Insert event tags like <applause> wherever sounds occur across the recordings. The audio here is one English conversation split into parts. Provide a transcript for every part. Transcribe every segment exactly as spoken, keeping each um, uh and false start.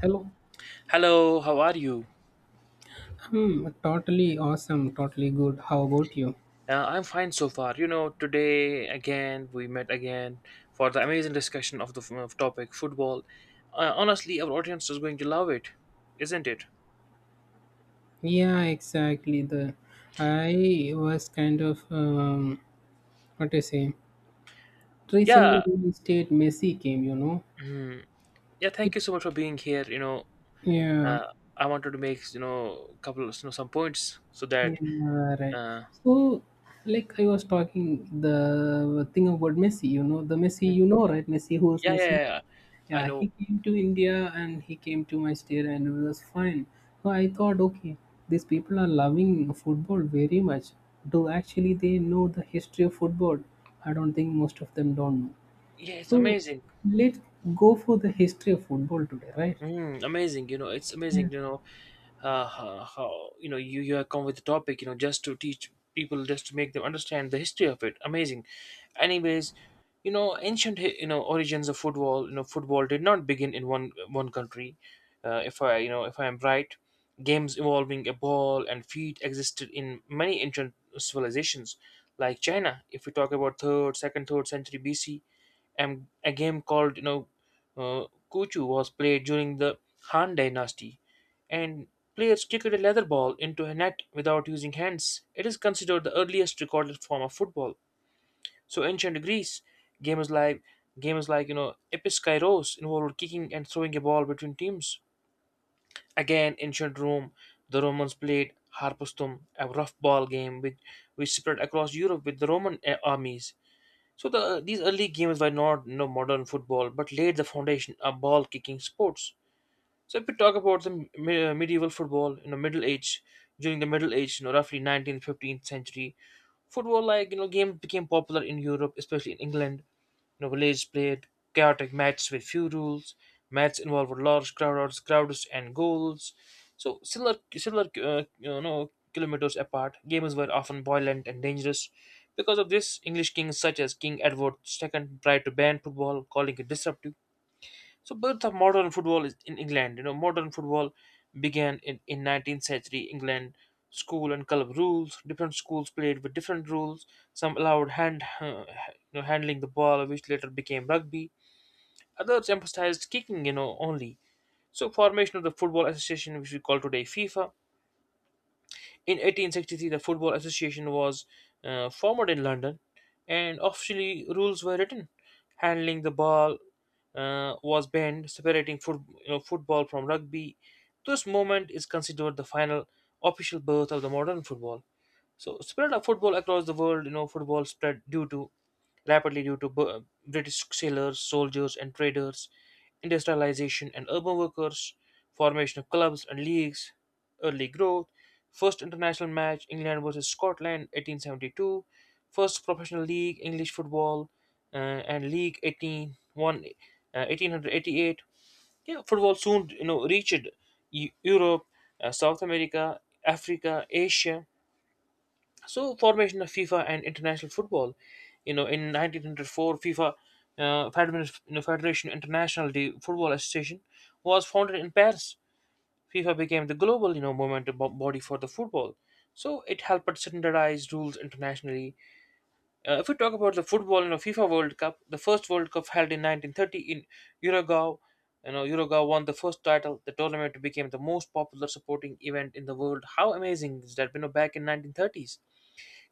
Hello. Hello, how are you? Hmm, totally awesome, totally good. How about you? Uh, I'm fine so far. You know, today again we met again for the amazing discussion of the f- of topic football. Uh, honestly, our audience is going to love it, isn't it? Yeah, exactly. The I was kind of um, what I say. Recently, Yeah, the state Messi came. You know, mhm, yeah. it. Thank you so much for being here. You know, Yeah, uh, I wanted to make you know a couple of you know, some points so that yeah, right. uh, So, like I was talking the thing about Messi. You know, the Messi. You know, right? Messi. Who is yeah, yeah, Messi? yeah, yeah. I Yeah, know. he came to India and he came to my state and it was fine. So I thought, okay, these people are loving football very much. Do actually they know the history of football? I don't think most of them don't know. Yeah, it's So amazing. let's go for the history of football today, right? Mm, amazing, you know, it's Yeah. amazing, you know, uh, how, how you know you you have come with the topic, you know, just to teach people, just to make them understand the history of it. Amazing. Anyways, you know, ancient hi- you know origins of football. You know, football did not begin in one one country. Uh, if I you know if I am right, games involving a ball and feet existed in many ancient civilizations, like China. If we talk about third, second, third century B C, and a game called you know uh, Kuchu was played during the Han Dynasty, and players kicked a leather ball into a net without using hands. It is considered the earliest recorded form of football. So ancient Greece, games like games like you know episkairos involved kicking and throwing a ball between teams. Again, ancient Rome, the Romans played harpastum, a rough ball game which which spread across Europe with the Roman uh, armies. So the, these early games were not you know, modern football, but laid the foundation of ball kicking sports. So if we talk about the m- me- uh, medieval football, you know, Middle Age. During the Middle Age, you know, roughly nineteenth, fifteenth century, football like, you know, game became popular in Europe, especially in England. You know, village played chaotic matches with few rules. Matches involved large crowds, crowds and goals. So similar, similar, uh, you know, kilometers apart. Games were often violent and dangerous. Because of this, English kings such as King Edward two tried to ban football, calling it disruptive. So birth of modern football is in England. You know, modern football began in, in nineteenth century England. School and club rules. Different schools played with different rules. Some allowed hand, uh, you know, handling the ball, which later became rugby. Others emphasized kicking, you know, only. So formation of the Football Association, which we call today FIFA, in eighteen sixty-three, the Football Association was uh, formed in London, and officially rules were written. Handling the ball uh, was banned, separating foot, you know, football from rugby. This moment is considered the final official birth of the modern football. So, spread of football across the world, you know, football spread due to rapidly due to Bu- uh, British sailors, soldiers, and traders, industrialization and urban workers, formation of clubs and leagues, early growth, first international match England versus Scotland eighteen seventy-two, first professional league English football, uh, and League one eighty-one, uh, eighteen eighty-eight. Yeah, football soon you know reached Eu- Europe, uh, South America, Africa, Asia. So formation of FIFA and international football, you know, in nineteen oh four, FIFA, uh, Federation you know, Federation International de Football Association, was founded in Paris. FIFA became the global, you know, movement bo- body for the football. So it helped standardize rules internationally. Uh, if we talk about the football, you know, FIFA World Cup, the first World Cup held in nineteen thirty in Uruguay. you know, Uruguay won the first title. The tournament became the most popular supporting event in the world. How amazing is that? You know, back in nineteen thirties,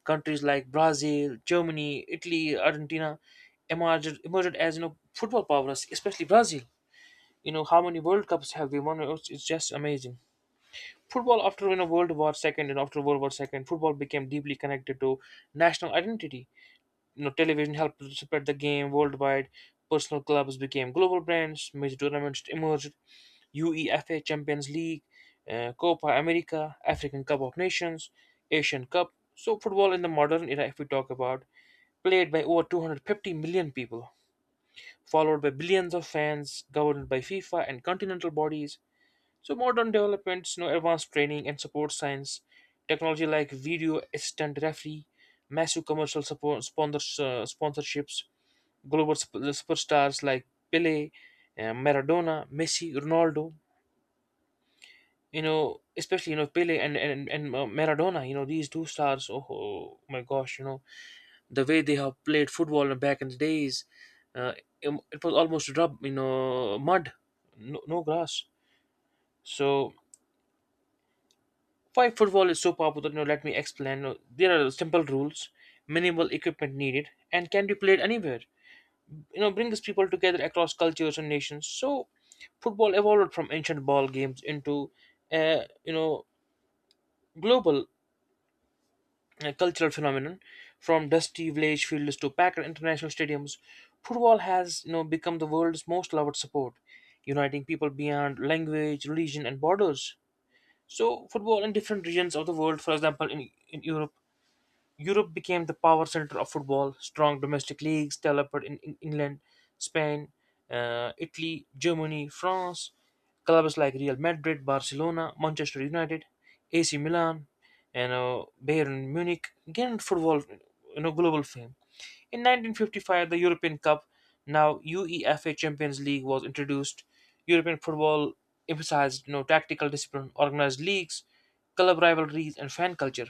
countries like Brazil, Germany, Italy, Argentina emerged emerged as you know football powers, especially Brazil. You know how many World Cups have they won? It's, it's just amazing. Football after you know World War Second, and after World War Second, football became deeply connected to national identity. You know, television helped to spread the game worldwide. Personal clubs became global brands. Major tournaments emerged: UEFA Champions League, uh, Copa America, African Cup of Nations, Asian Cup. So football in the modern era, if we talk about, played by over two hundred fifty million people, followed by billions of fans, governed by FIFA and continental bodies. So modern developments, you know, advanced training and support science, technology like video assistant referee, massive commercial support, sponsors, uh, sponsorships, global sup- superstars like Pele, uh, Maradona, Messi, Ronaldo. You know, especially, you know Pele and and and uh, Maradona. You know these two stars. Oh, oh my gosh, you know the way they have played football back in the days. Uh, it, it was almost rub, you know, mud, no, no grass. So why football is so popular? You know, let me explain. Uh, There are simple rules, minimal equipment needed, and can be played anywhere. You know, brings people together across cultures and nations. So football evolved from ancient ball games into, uh, you know, global a cultural phenomenon. From dusty village fields to packed international stadiums, football has you know, become the world's most loved sport, uniting people beyond language, religion, and borders. So, football in different regions of the world, for example, in, in Europe. Europe became the power center of football. Strong domestic leagues developed in Eng- England, Spain, uh, Italy, Germany, France. Clubs like Real Madrid, Barcelona, Manchester United, A C Milan, and uh, Bayern Munich gained football, you know, global fame. In nineteen fifty-five, the European Cup, now UEFA Champions League, was introduced. European football emphasized, you know, tactical discipline, organized leagues, club rivalries, and fan culture.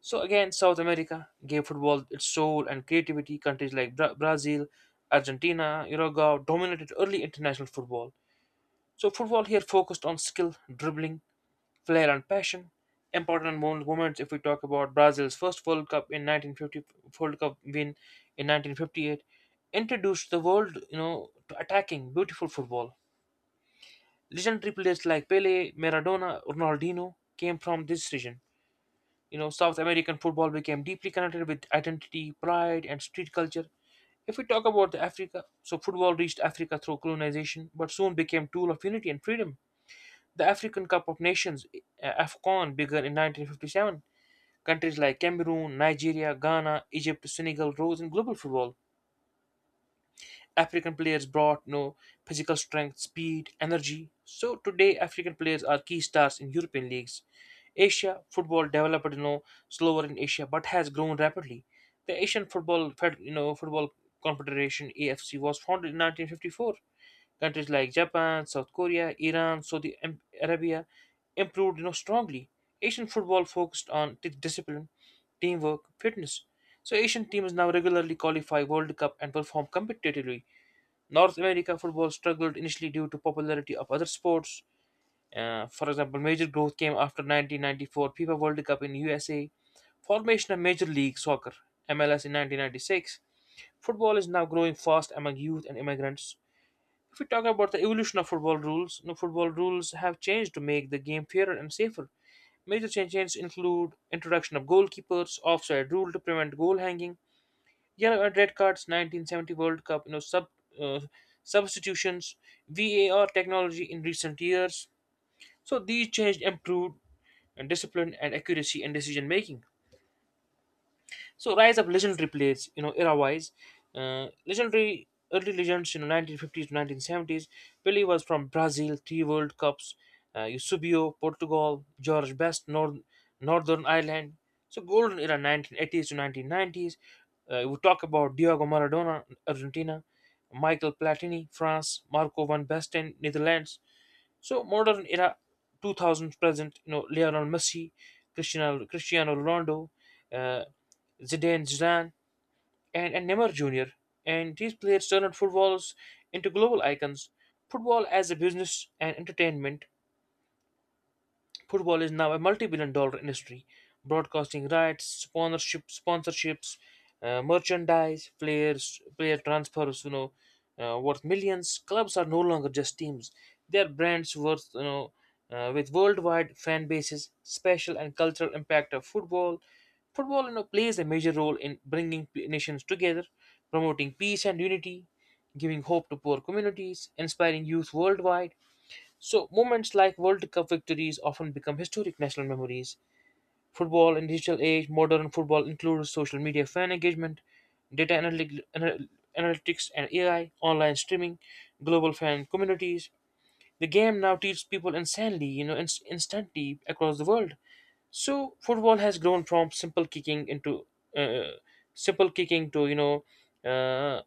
So again, South America gave football its soul and creativity. Countries like Bra- Brazil, Argentina, Uruguay dominated early international football. So football here focused on skill, dribbling, flair, and passion. Important mo- moments, if we talk about Brazil's first World Cup in nineteen fifty, World Cup win in nineteen fifty-eight, introduced the world, you know, to attacking beautiful football. Legendary players like Pele, Maradona, Ronaldinho came from this region. You know, South American football became deeply connected with identity, pride, and street culture. If we talk about the Africa, so football reached Africa through colonization, but soon became tool of unity and freedom. The African Cup of Nations, uh, (AFCON), began in nineteen fifty-seven. Countries like Cameroon, Nigeria, Ghana, Egypt, Senegal rose in global football. African players brought no physical strength, speed, energy. So today, African players are key stars in European leagues. Asia football developed you know slower in Asia but has grown rapidly. The Asian Football Fed- you know Football Confederation A F C was founded in nineteen fifty-four. Countries like Japan, South Korea, Iran, Saudi Am- Arabia improved you know strongly. Asian football focused on di- discipline, teamwork, fitness. So Asian teams now regularly qualify World Cup and perform competitively. North America football struggled initially due to popularity of other sports. Uh, for example, major growth came after nineteen ninety-four FIFA World Cup in U S A, formation of Major League Soccer (M L S) in nineteen ninety-six. Football is now growing fast among youth and immigrants. If we talk about the evolution of football rules, no football rules have changed to make the game fairer and safer. Major changes include introduction of goalkeepers, offside rule to prevent goal hanging, yeah, uh, red cards, nineteen seventy World Cup, you know, sub uh, substitutions, VAR technology in recent years. So these changed, improved, and discipline and accuracy in decision making. So rise of legendary plays, you know, era-wise, uh, legendary early legends, you know, nineteen fifties to nineteen seventies. Pelé was from Brazil, three World Cups. Uh, Eusebio, Portugal, George Best, North, Northern Ireland. So golden era nineteen eighties to nineteen nineties. Uh, we talk about Diego Maradona, Argentina, Michael Platini, France, Marco van Basten, Netherlands. So modern era two thousand present, you know, Lionel Messi, Cristiano Cristiano Ronaldo, uh, Zidane, Zidane, and, and Neymar Junior And these players turned footballers into global icons. Football as a business and entertainment. Football is now a multi-billion dollar industry. Broadcasting rights, sponsorship, sponsorships, uh, merchandise, players, player transfers, you know, uh, worth millions. Clubs are no longer just teams. They are brands worth, you know, uh, with worldwide fan bases, special and cultural impact of football. Football, you know, plays a major role in bringing p- nations together, promoting peace and unity, giving hope to poor communities, inspiring youth worldwide. So moments like World Cup victories often become historic national memories. Football in digital age, modern football includes social media fan engagement, data analytic, anal- analytics and A I, online streaming, global fan communities. The game now teaches people insanely, you know, inst- instantly across the world. So football has grown from simple kicking into uh, simple kicking to, you know uh,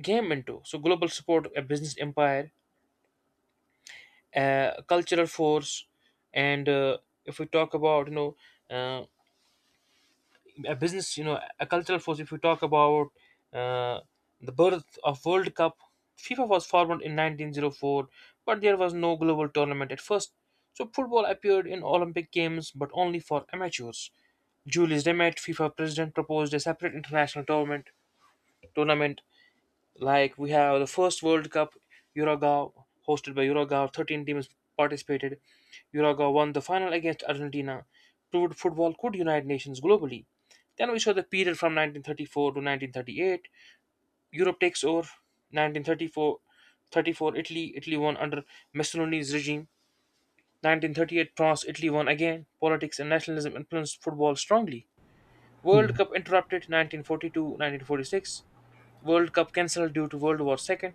game, into so global support, a business empire, uh, cultural force, and uh, if we talk about you know uh, a business, you know a cultural force. If we talk about uh, the birth of World Cup, FIFA was formed in nineteen oh four, but there was no global tournament at first. So football appeared in Olympic Games, but only for amateurs. Julius Demet, FIFA president, proposed a separate international tournament tournament Like we have the first World Cup, Uruguay, hosted by Uruguay, thirteen teams participated. Uruguay won the final against Argentina, proved football could unite nations globally. Then we saw the period from nineteen thirty-four to nineteen thirty-eight. Europe takes over. Nineteen thirty four, thirty four Italy. Italy won under Mussolini's regime. nineteen thirty-eight France. Italy won again. Politics and nationalism influenced football strongly. World Yeah. Cup interrupted, nineteen forty two, nineteen forty six. World Cup cancelled due to World War two.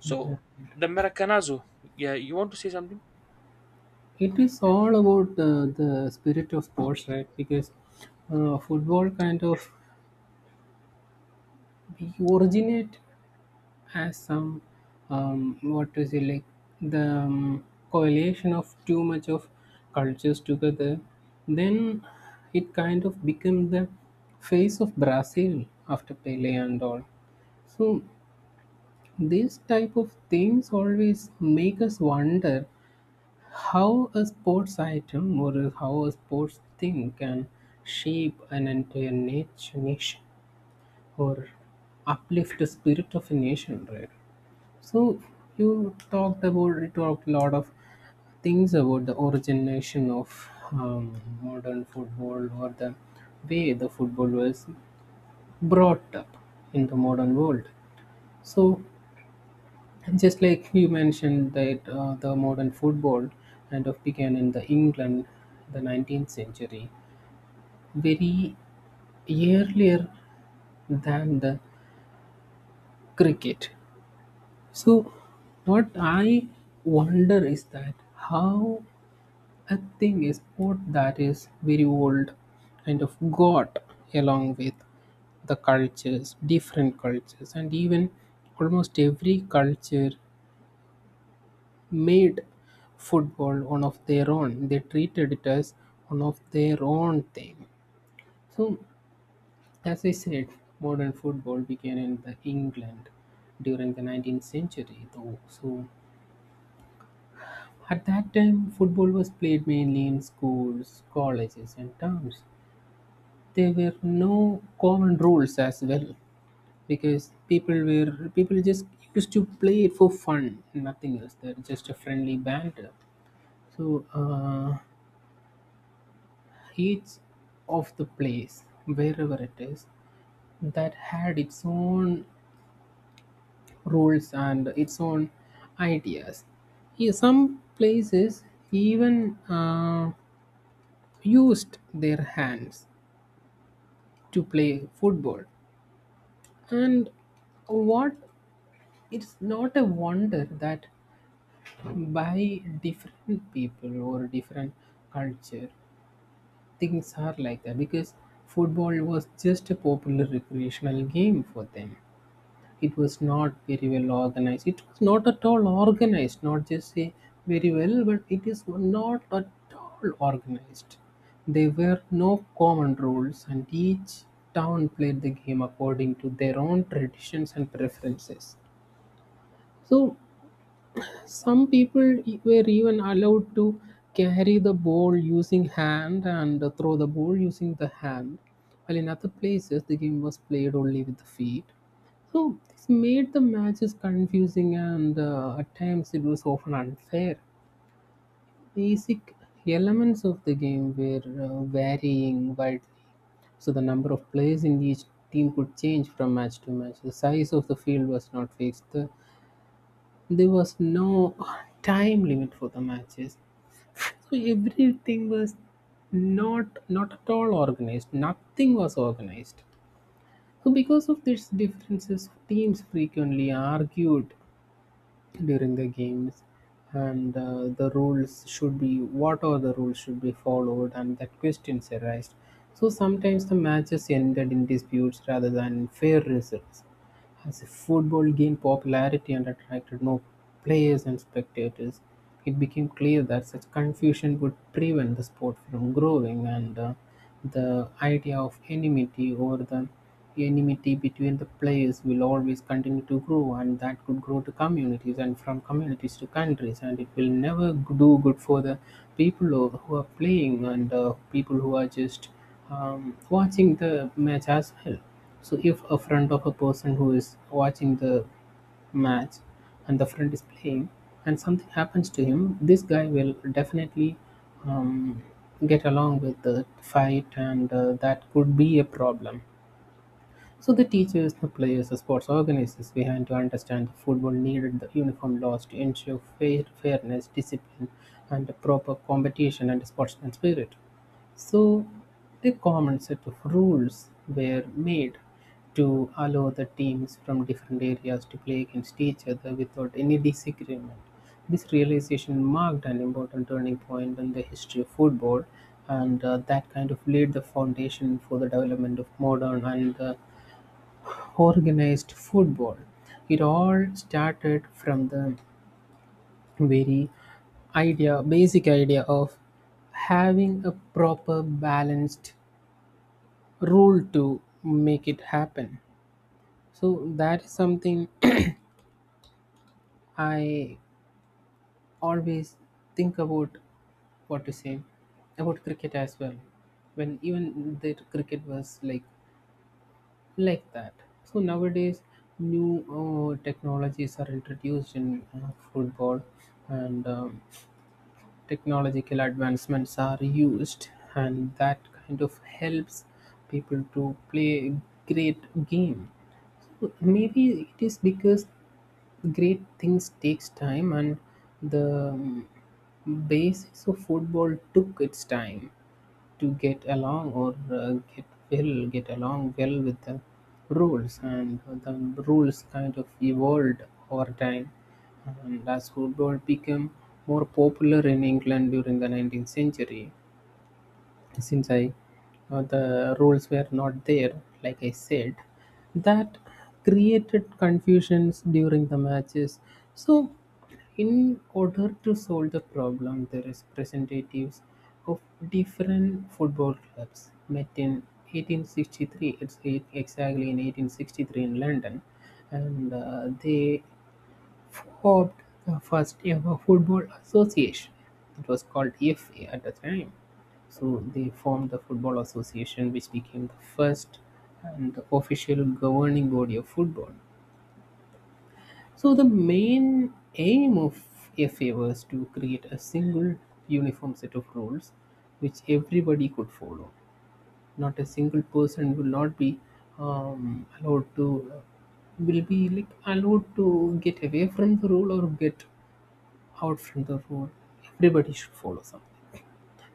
So the Maracanazo, yeah, you want to say something? It is all about uh, the spirit of sports, right? Because uh, football kind of we originate has some um, what to say, like the um, correlation of too much of cultures together, then it kind of became the face of Brazil after Pele and all. So these type of things always make us wonder how a sports item or how a sports thing can shape an entire nat- nation or uplift the spirit of a nation, right? So you talked about you talked a lot of things about the origination of um, modern football or the way the football was brought up in the modern world. So just like you mentioned that uh, the modern football kind of began in the England, the nineteenth century, very earlier than the cricket. So what I wonder is that how a thing is sport that is very old kind of got along with the cultures, different cultures, and even almost every culture made football one of their own. They treated it as one of their own thing. So, as I said, modern football began in the England during the nineteenth century, though. So, at that time, football was played mainly in schools, colleges, and towns. There were no common rules as well, because people were people just used to play it for fun, nothing else. They're just a friendly banter. So uh, each of the place wherever it is that had its own rules and its own ideas. Yeah, some places even uh, used their hands to play football. And what? It's not a wonder that by different people or different culture, things are like that, because football was just a popular recreational game for them. It was not very well organized. It was not at all organized, not just say very well, but it is not at all organized. There were no common rules, and each town played the game according to their own traditions and preferences. So some people e- were even allowed to carry the ball using hand and throw the ball using the hand, while in other places the game was played only with the feet. So this made the matches confusing and uh, at times it was often unfair. Basic elements of the game were uh, varying widely. So the number of players in each team could change from match to match. The size of the field was not fixed. The there was no time limit for the matches, so everything was not not at all organized. Nothing was organized. So because of these differences, teams frequently argued during the games, and uh, the rules should be what are the rules should be followed, and that questions arise. So sometimes the matches ended in disputes rather than in fair results. As football gained popularity and attracted more players and spectators, it became clear that such confusion would prevent the sport from growing, and uh, the idea of enmity or the enmity between the players will always continue to grow, and that could grow to communities and from communities to countries, and it will never do good for the people who who are playing and uh, people who are just um, watching the match as well. So if a friend of a person who is watching the match and the friend is playing and something happens to him, this guy will definitely um, get along with the fight, and uh, that could be a problem. So the teachers, the players, the sports organizers behind to understand the football needed the uniform laws to ensure fair, fairness, discipline, and a proper competition and sportsman spirit. So a common set of rules were made to allow the teams from different areas to play against each other without any disagreement. This realization marked an important turning point in the history of football, and uh, that kind of laid the foundation for the development of modern and uh, organized football. It all started from the very idea, basic idea of having a proper balanced rule to make it happen. So that is something <clears throat> I always think about, what to say, about cricket as well. When even the cricket was like like that. So nowadays, new uh, technologies are introduced in uh, football, and um, technological advancements are used, and that kind of helps people to play great game. So maybe it is because great things takes time, and the um, basis of football took its time to get along or uh, get well get along well with the rules, and the rules kind of evolved over time. And as football became more popular in England during the nineteenth century, since I uh, the rules were not there, like I said, that created confusions during the matches. So, in order to solve the problem, the representatives of different football clubs met in eighteen sixty-three. It's eight, exactly in eighteen sixty-three in London, and uh, they formed the first ever football association. It was called F A at the time. So they formed the Football Association, which became the first and the official governing body of football. So the main aim of F A was to create a single uniform set of rules which everybody could follow. Not a single person will not be um, allowed to will be like allowed to get away from the rule or get out from the rule. Everybody should follow something.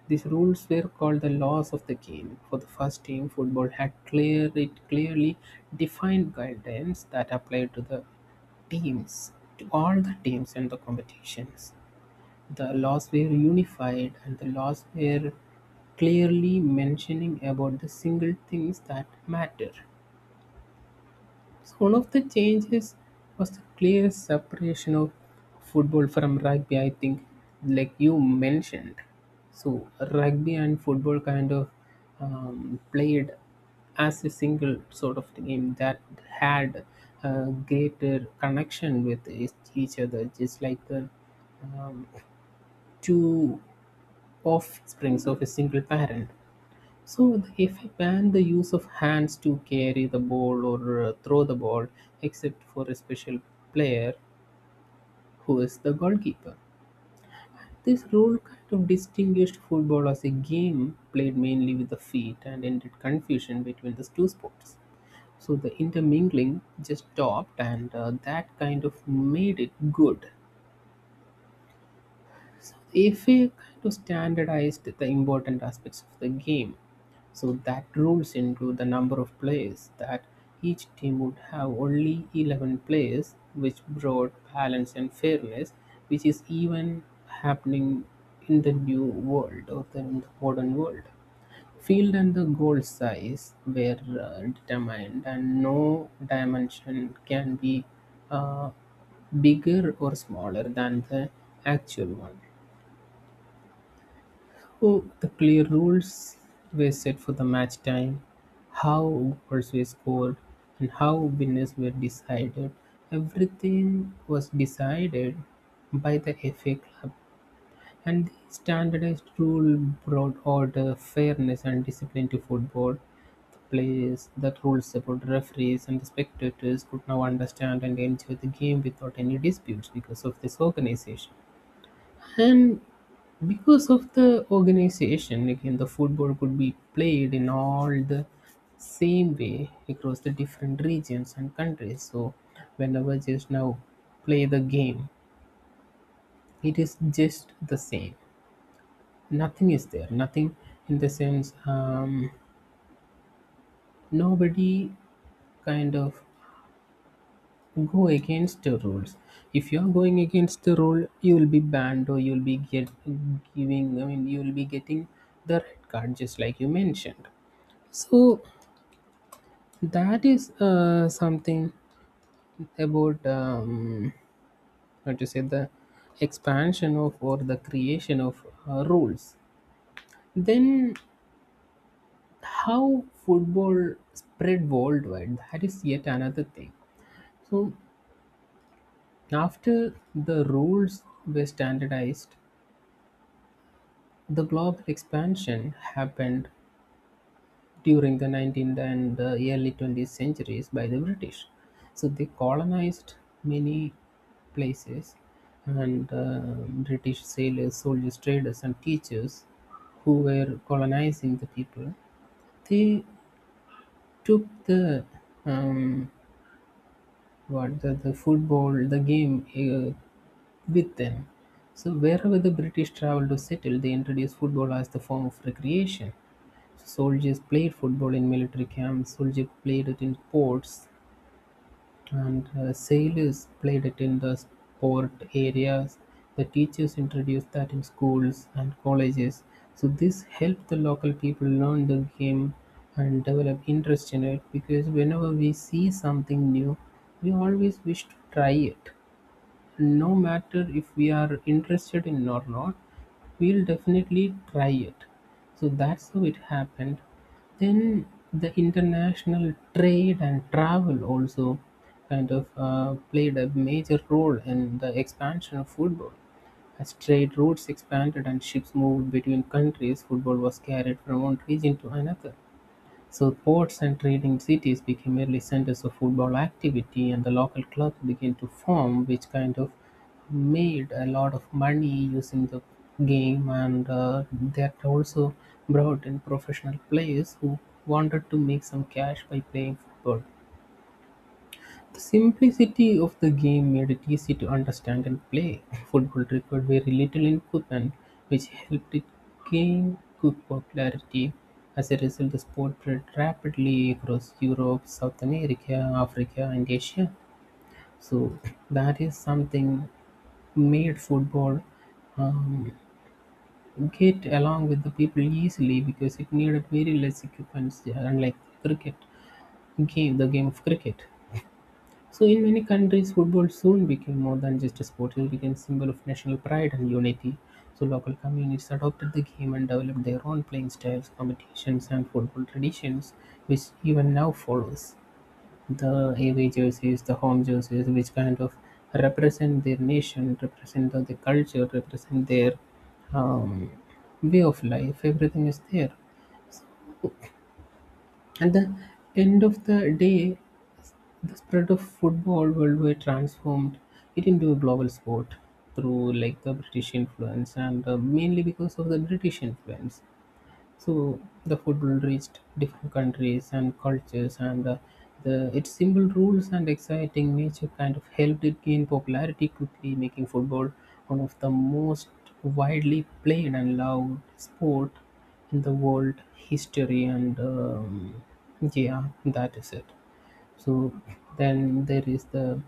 These rules were called the laws of the game. For the first team, football had clear, it clearly defined guidelines that applied to the teams, to all the teams and the competitions. The laws were unified, and the laws were clearly mentioning about the single things that matter. So one of the changes was the clear separation of football from rugby, I think, like you mentioned. So, rugby and football kind of um, played as a single sort of game that had a greater connection with each each other, just like the um, two offsprings of a single parent. So they banned the use of hands to carry the ball or uh, throw the ball, except for a special player who is the goalkeeper. This rule kind of distinguished football as a game played mainly with the feet and ended confusion between the two sports. So the intermingling just stopped, and uh, that kind of made it good. If we kind of standardized the important aspects of the game, so that rules into the number of players that each team would have only eleven players, which brought balance and fairness, which is even happening in the new world or the, in the modern world. Field and the goal size were uh, determined and no dimension can be uh, bigger or smaller than the actual one. Oh, the clear rules were set for the match time, how goals were scored, and how winners were decided. Everything was decided by the F A Club, and the standardized rule brought order, fairness, and discipline to football. The players, the rules support referees, and the spectators could now understand and enjoy the game without any disputes because of this organization. And because of the organization, again, the football could be played in all the same way across the different regions and countries. So, whenever just now play the game, it is just the same. Nothing is there. Nothing in the sense, um, nobody kind of go against the rules. If you're going against the rule, you'll be banned or you'll be get giving. I mean, you'll be getting the red card, just like you mentioned. So that is uh, something about um, how to say the expansion of or the creation of uh, rules. Then how football spread worldwide? That is yet another thing. So after the rules were standardized, the global expansion happened during the nineteenth and uh, early twentieth centuries by the British. So they colonized many places, and uh, British sailors, soldiers, traders, and teachers who were colonizing the people, they took the um, what the, the football, the game uh, with them. So wherever the British traveled to settle, they introduced football as the form of recreation. Soldiers played football in military camps, soldiers played it in ports, and uh, sailors played it in the sport areas. The teachers introduced that in schools and colleges. So this helped the local people learn the game and develop interest in it because whenever we see something new, we always wish to try it no matter if we are interested in or not, we'll definitely try it. So that's how it happened. Then the international trade and travel also kind of uh, played a major role in the expansion of football. As trade routes expanded and ships moved between countries, football was carried from one region to another. So ports and trading cities became merely centers of football activity, and the local clubs began to form, which kind of made a lot of money using the game, and uh, that also brought in professional players who wanted to make some cash by playing football. The simplicity of the game made it easy to understand and play. <laughs> Football required very little equipment, which helped it gain quick popularity. As a result, the sport spread rapidly across Europe, South America, Africa, and Asia. So that is something made football um, get along with the people easily because it needed very less equipment, unlike cricket game, the game of cricket. So in many countries, football soon became more than just a sport. It became a symbol of national pride and unity. So local communities adopted the game and developed their own playing styles, competitions, and football traditions, which even now follows. The away jerseys, the home jerseys, which kind of represent their nation, represent the the culture, represent their um, way of life. Everything is there. At the end of the day, the spread of football worldwide transformed it into a global sport through like the British influence and uh, mainly because of the British influence. So the football reached different countries and cultures, and uh, the its simple rules and exciting nature kind of helped it gain popularity quickly, making football one of the most widely played and loved sport in the world history. And um, yeah, that is it. So then there is the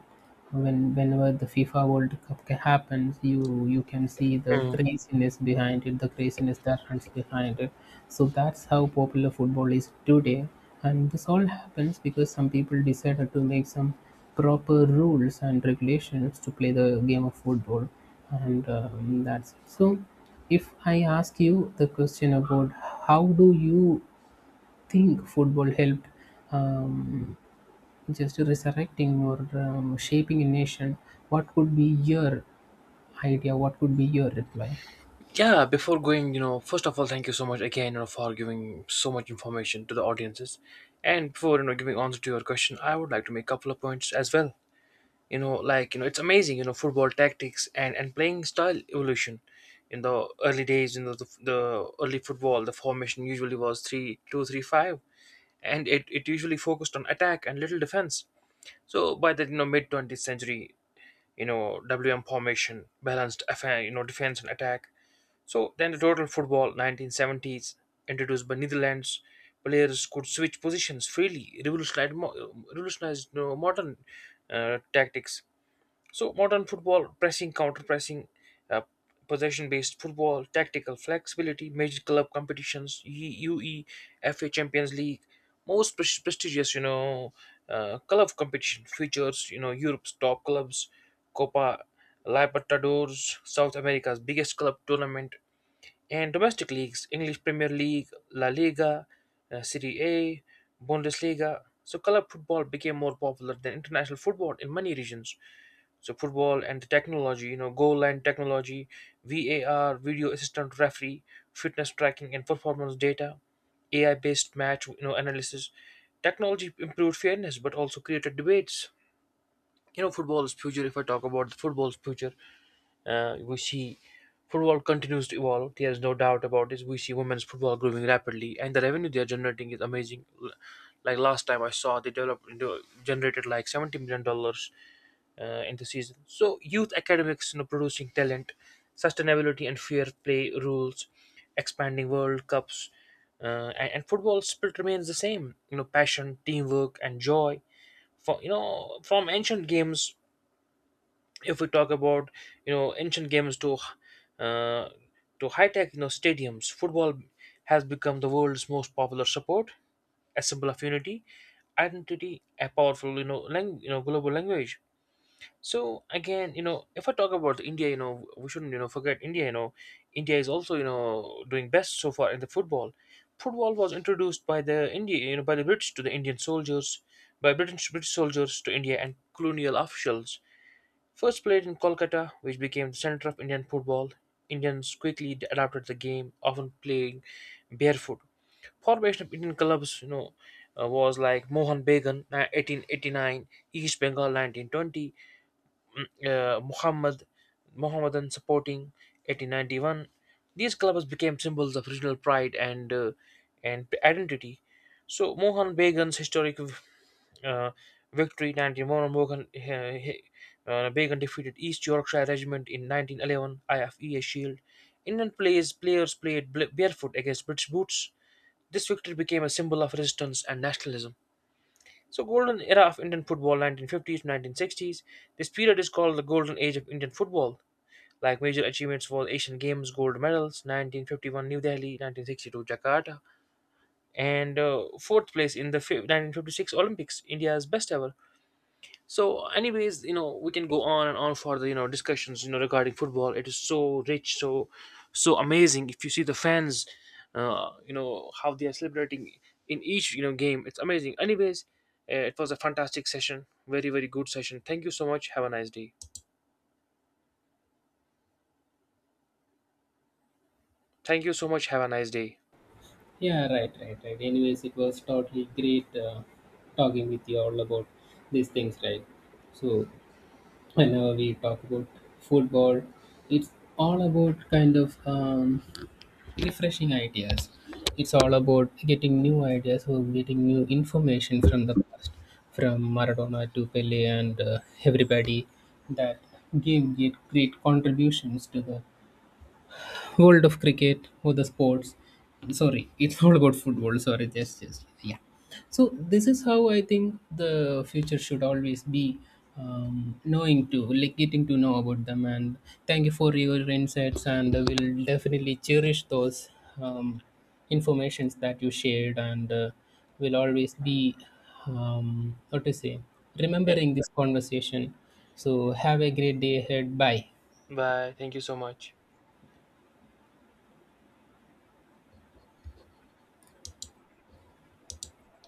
when whenever the FIFA World Cup ca- happens, you you can see the Mm. craziness behind it, the craziness that runs behind it. So that's how popular football is today, and this all happens because some people decided to make some proper rules and regulations to play the game of football, and um, that's it. So, if I ask you the question about how do you think football helped um, just resurrecting or um, shaping a nation, what could be your idea, what could be your reply? Yeah, before going, you know, first of all, thank you so much again, you know, for giving so much information to the audiences. And before, you know, giving answer to your question, I would like to make a couple of points as well. You know, like, you know, it's amazing, you know, football tactics and, and playing style evolution. In the early days, you know, the, the early football, the formation usually was three two three five, and it, it usually focused on attack and little defense. So by the, you know, mid-twentieth century, you know W M formation, balanced you know defense and attack. So then the total football nineteen seventies, introduced by Netherlands, players could switch positions freely, revolutionized mo- revolutionized, you know, modern uh, tactics. So modern football, pressing, counter-pressing, uh, possession-based football, tactical flexibility, major club competitions, UEFA Champions League, most pres- prestigious, you know, uh, club competition, features, you know, Europe's top clubs, Copa Libertadores, South America's biggest club tournament, and domestic leagues, English Premier League, La Liga, uh, Serie A, Bundesliga. So club football became more popular than international football in many regions. So football and the technology, you know goal line technology, VAR, video assistant referee, fitness tracking and performance data, AI based match you know analysis. Technology improved fairness but also created debates. you know football's future. If I talk about the football's future, uh, we see football continues to evolve. There's no doubt about this. We see women's football growing rapidly, and the revenue they're generating is amazing. L- like last time I saw, they developed into generated like seventy million dollars uh, in the season. So youth academics, you know, producing talent, sustainability and fair play rules, expanding World Cups, uh, and, and football spirit remains the same. You know, passion, teamwork, and joy. For you know, from ancient games, if we talk about you know ancient games to, uh, to high tech, you know stadiums, football has become the world's most popular support, a symbol of unity, identity, a powerful, you know lang- you know global language. So again, you know, if I talk about India, you know, we shouldn't, you know, forget India. You know, India is also, you know, doing best so far in the football. Football was introduced by the India, you know, by the British to the Indian soldiers, by British British soldiers to India and colonial officials. First played in Kolkata, which became the center of Indian football. Indians quickly d- adapted the game, often playing barefoot. Formation of Indian clubs, you know, uh, was like Mohan Bagan, uh, eighteen eighty-nine, East Bengal, nineteen twenty, uh, Muhammad Mohammedan supporting, eighteen ninety-one. These clubs became symbols of regional pride and uh, and identity. So Mohan Began's historic uh, victory, nineteen oh one. Mohan uh, he- uh, Began defeated East Yorkshire Regiment in nineteen eleven I F E A Shield. Indian players players played bl- barefoot against British boots. This victory became a symbol of resistance and nationalism. So, golden era of Indian football, nineteen fifties to nineteen sixties. This period is called the golden age of Indian football. Like, major achievements were Asian Games gold medals, nineteen fifty-one New Delhi, nineteen sixty-two Jakarta, and uh, fourth place in the fi- nineteen fifty-six Olympics, India's best ever. So anyways, you know we can go on and on for the, you know discussions you know regarding football. It is so rich, so so amazing. If you see the fans, uh, you know how they are celebrating in each you know game, it's amazing. Anyways, uh, it was a fantastic session, very very good session. Thank you so much, have a nice day. Thank you so much, have a nice day. Yeah, right, right, right. Anyways, it was totally great uh, talking with you all about these things, right? So, whenever we talk about football, it's all about kind of um, refreshing ideas. It's all about getting new ideas or getting new information from the past, from Maradona to Pele and uh, everybody that gave great, great contributions to the world of cricket or the sports. Sorry, it's all about football. Sorry, just just yeah. So this is how I think the future should always be, um, knowing to like getting to know about them. And thank you for your insights, and I will definitely cherish those um, informations that you shared, and uh, will always be, um, what to say, Yeah. remembering this conversation. So have a great day ahead, bye. Bye, thank you so much.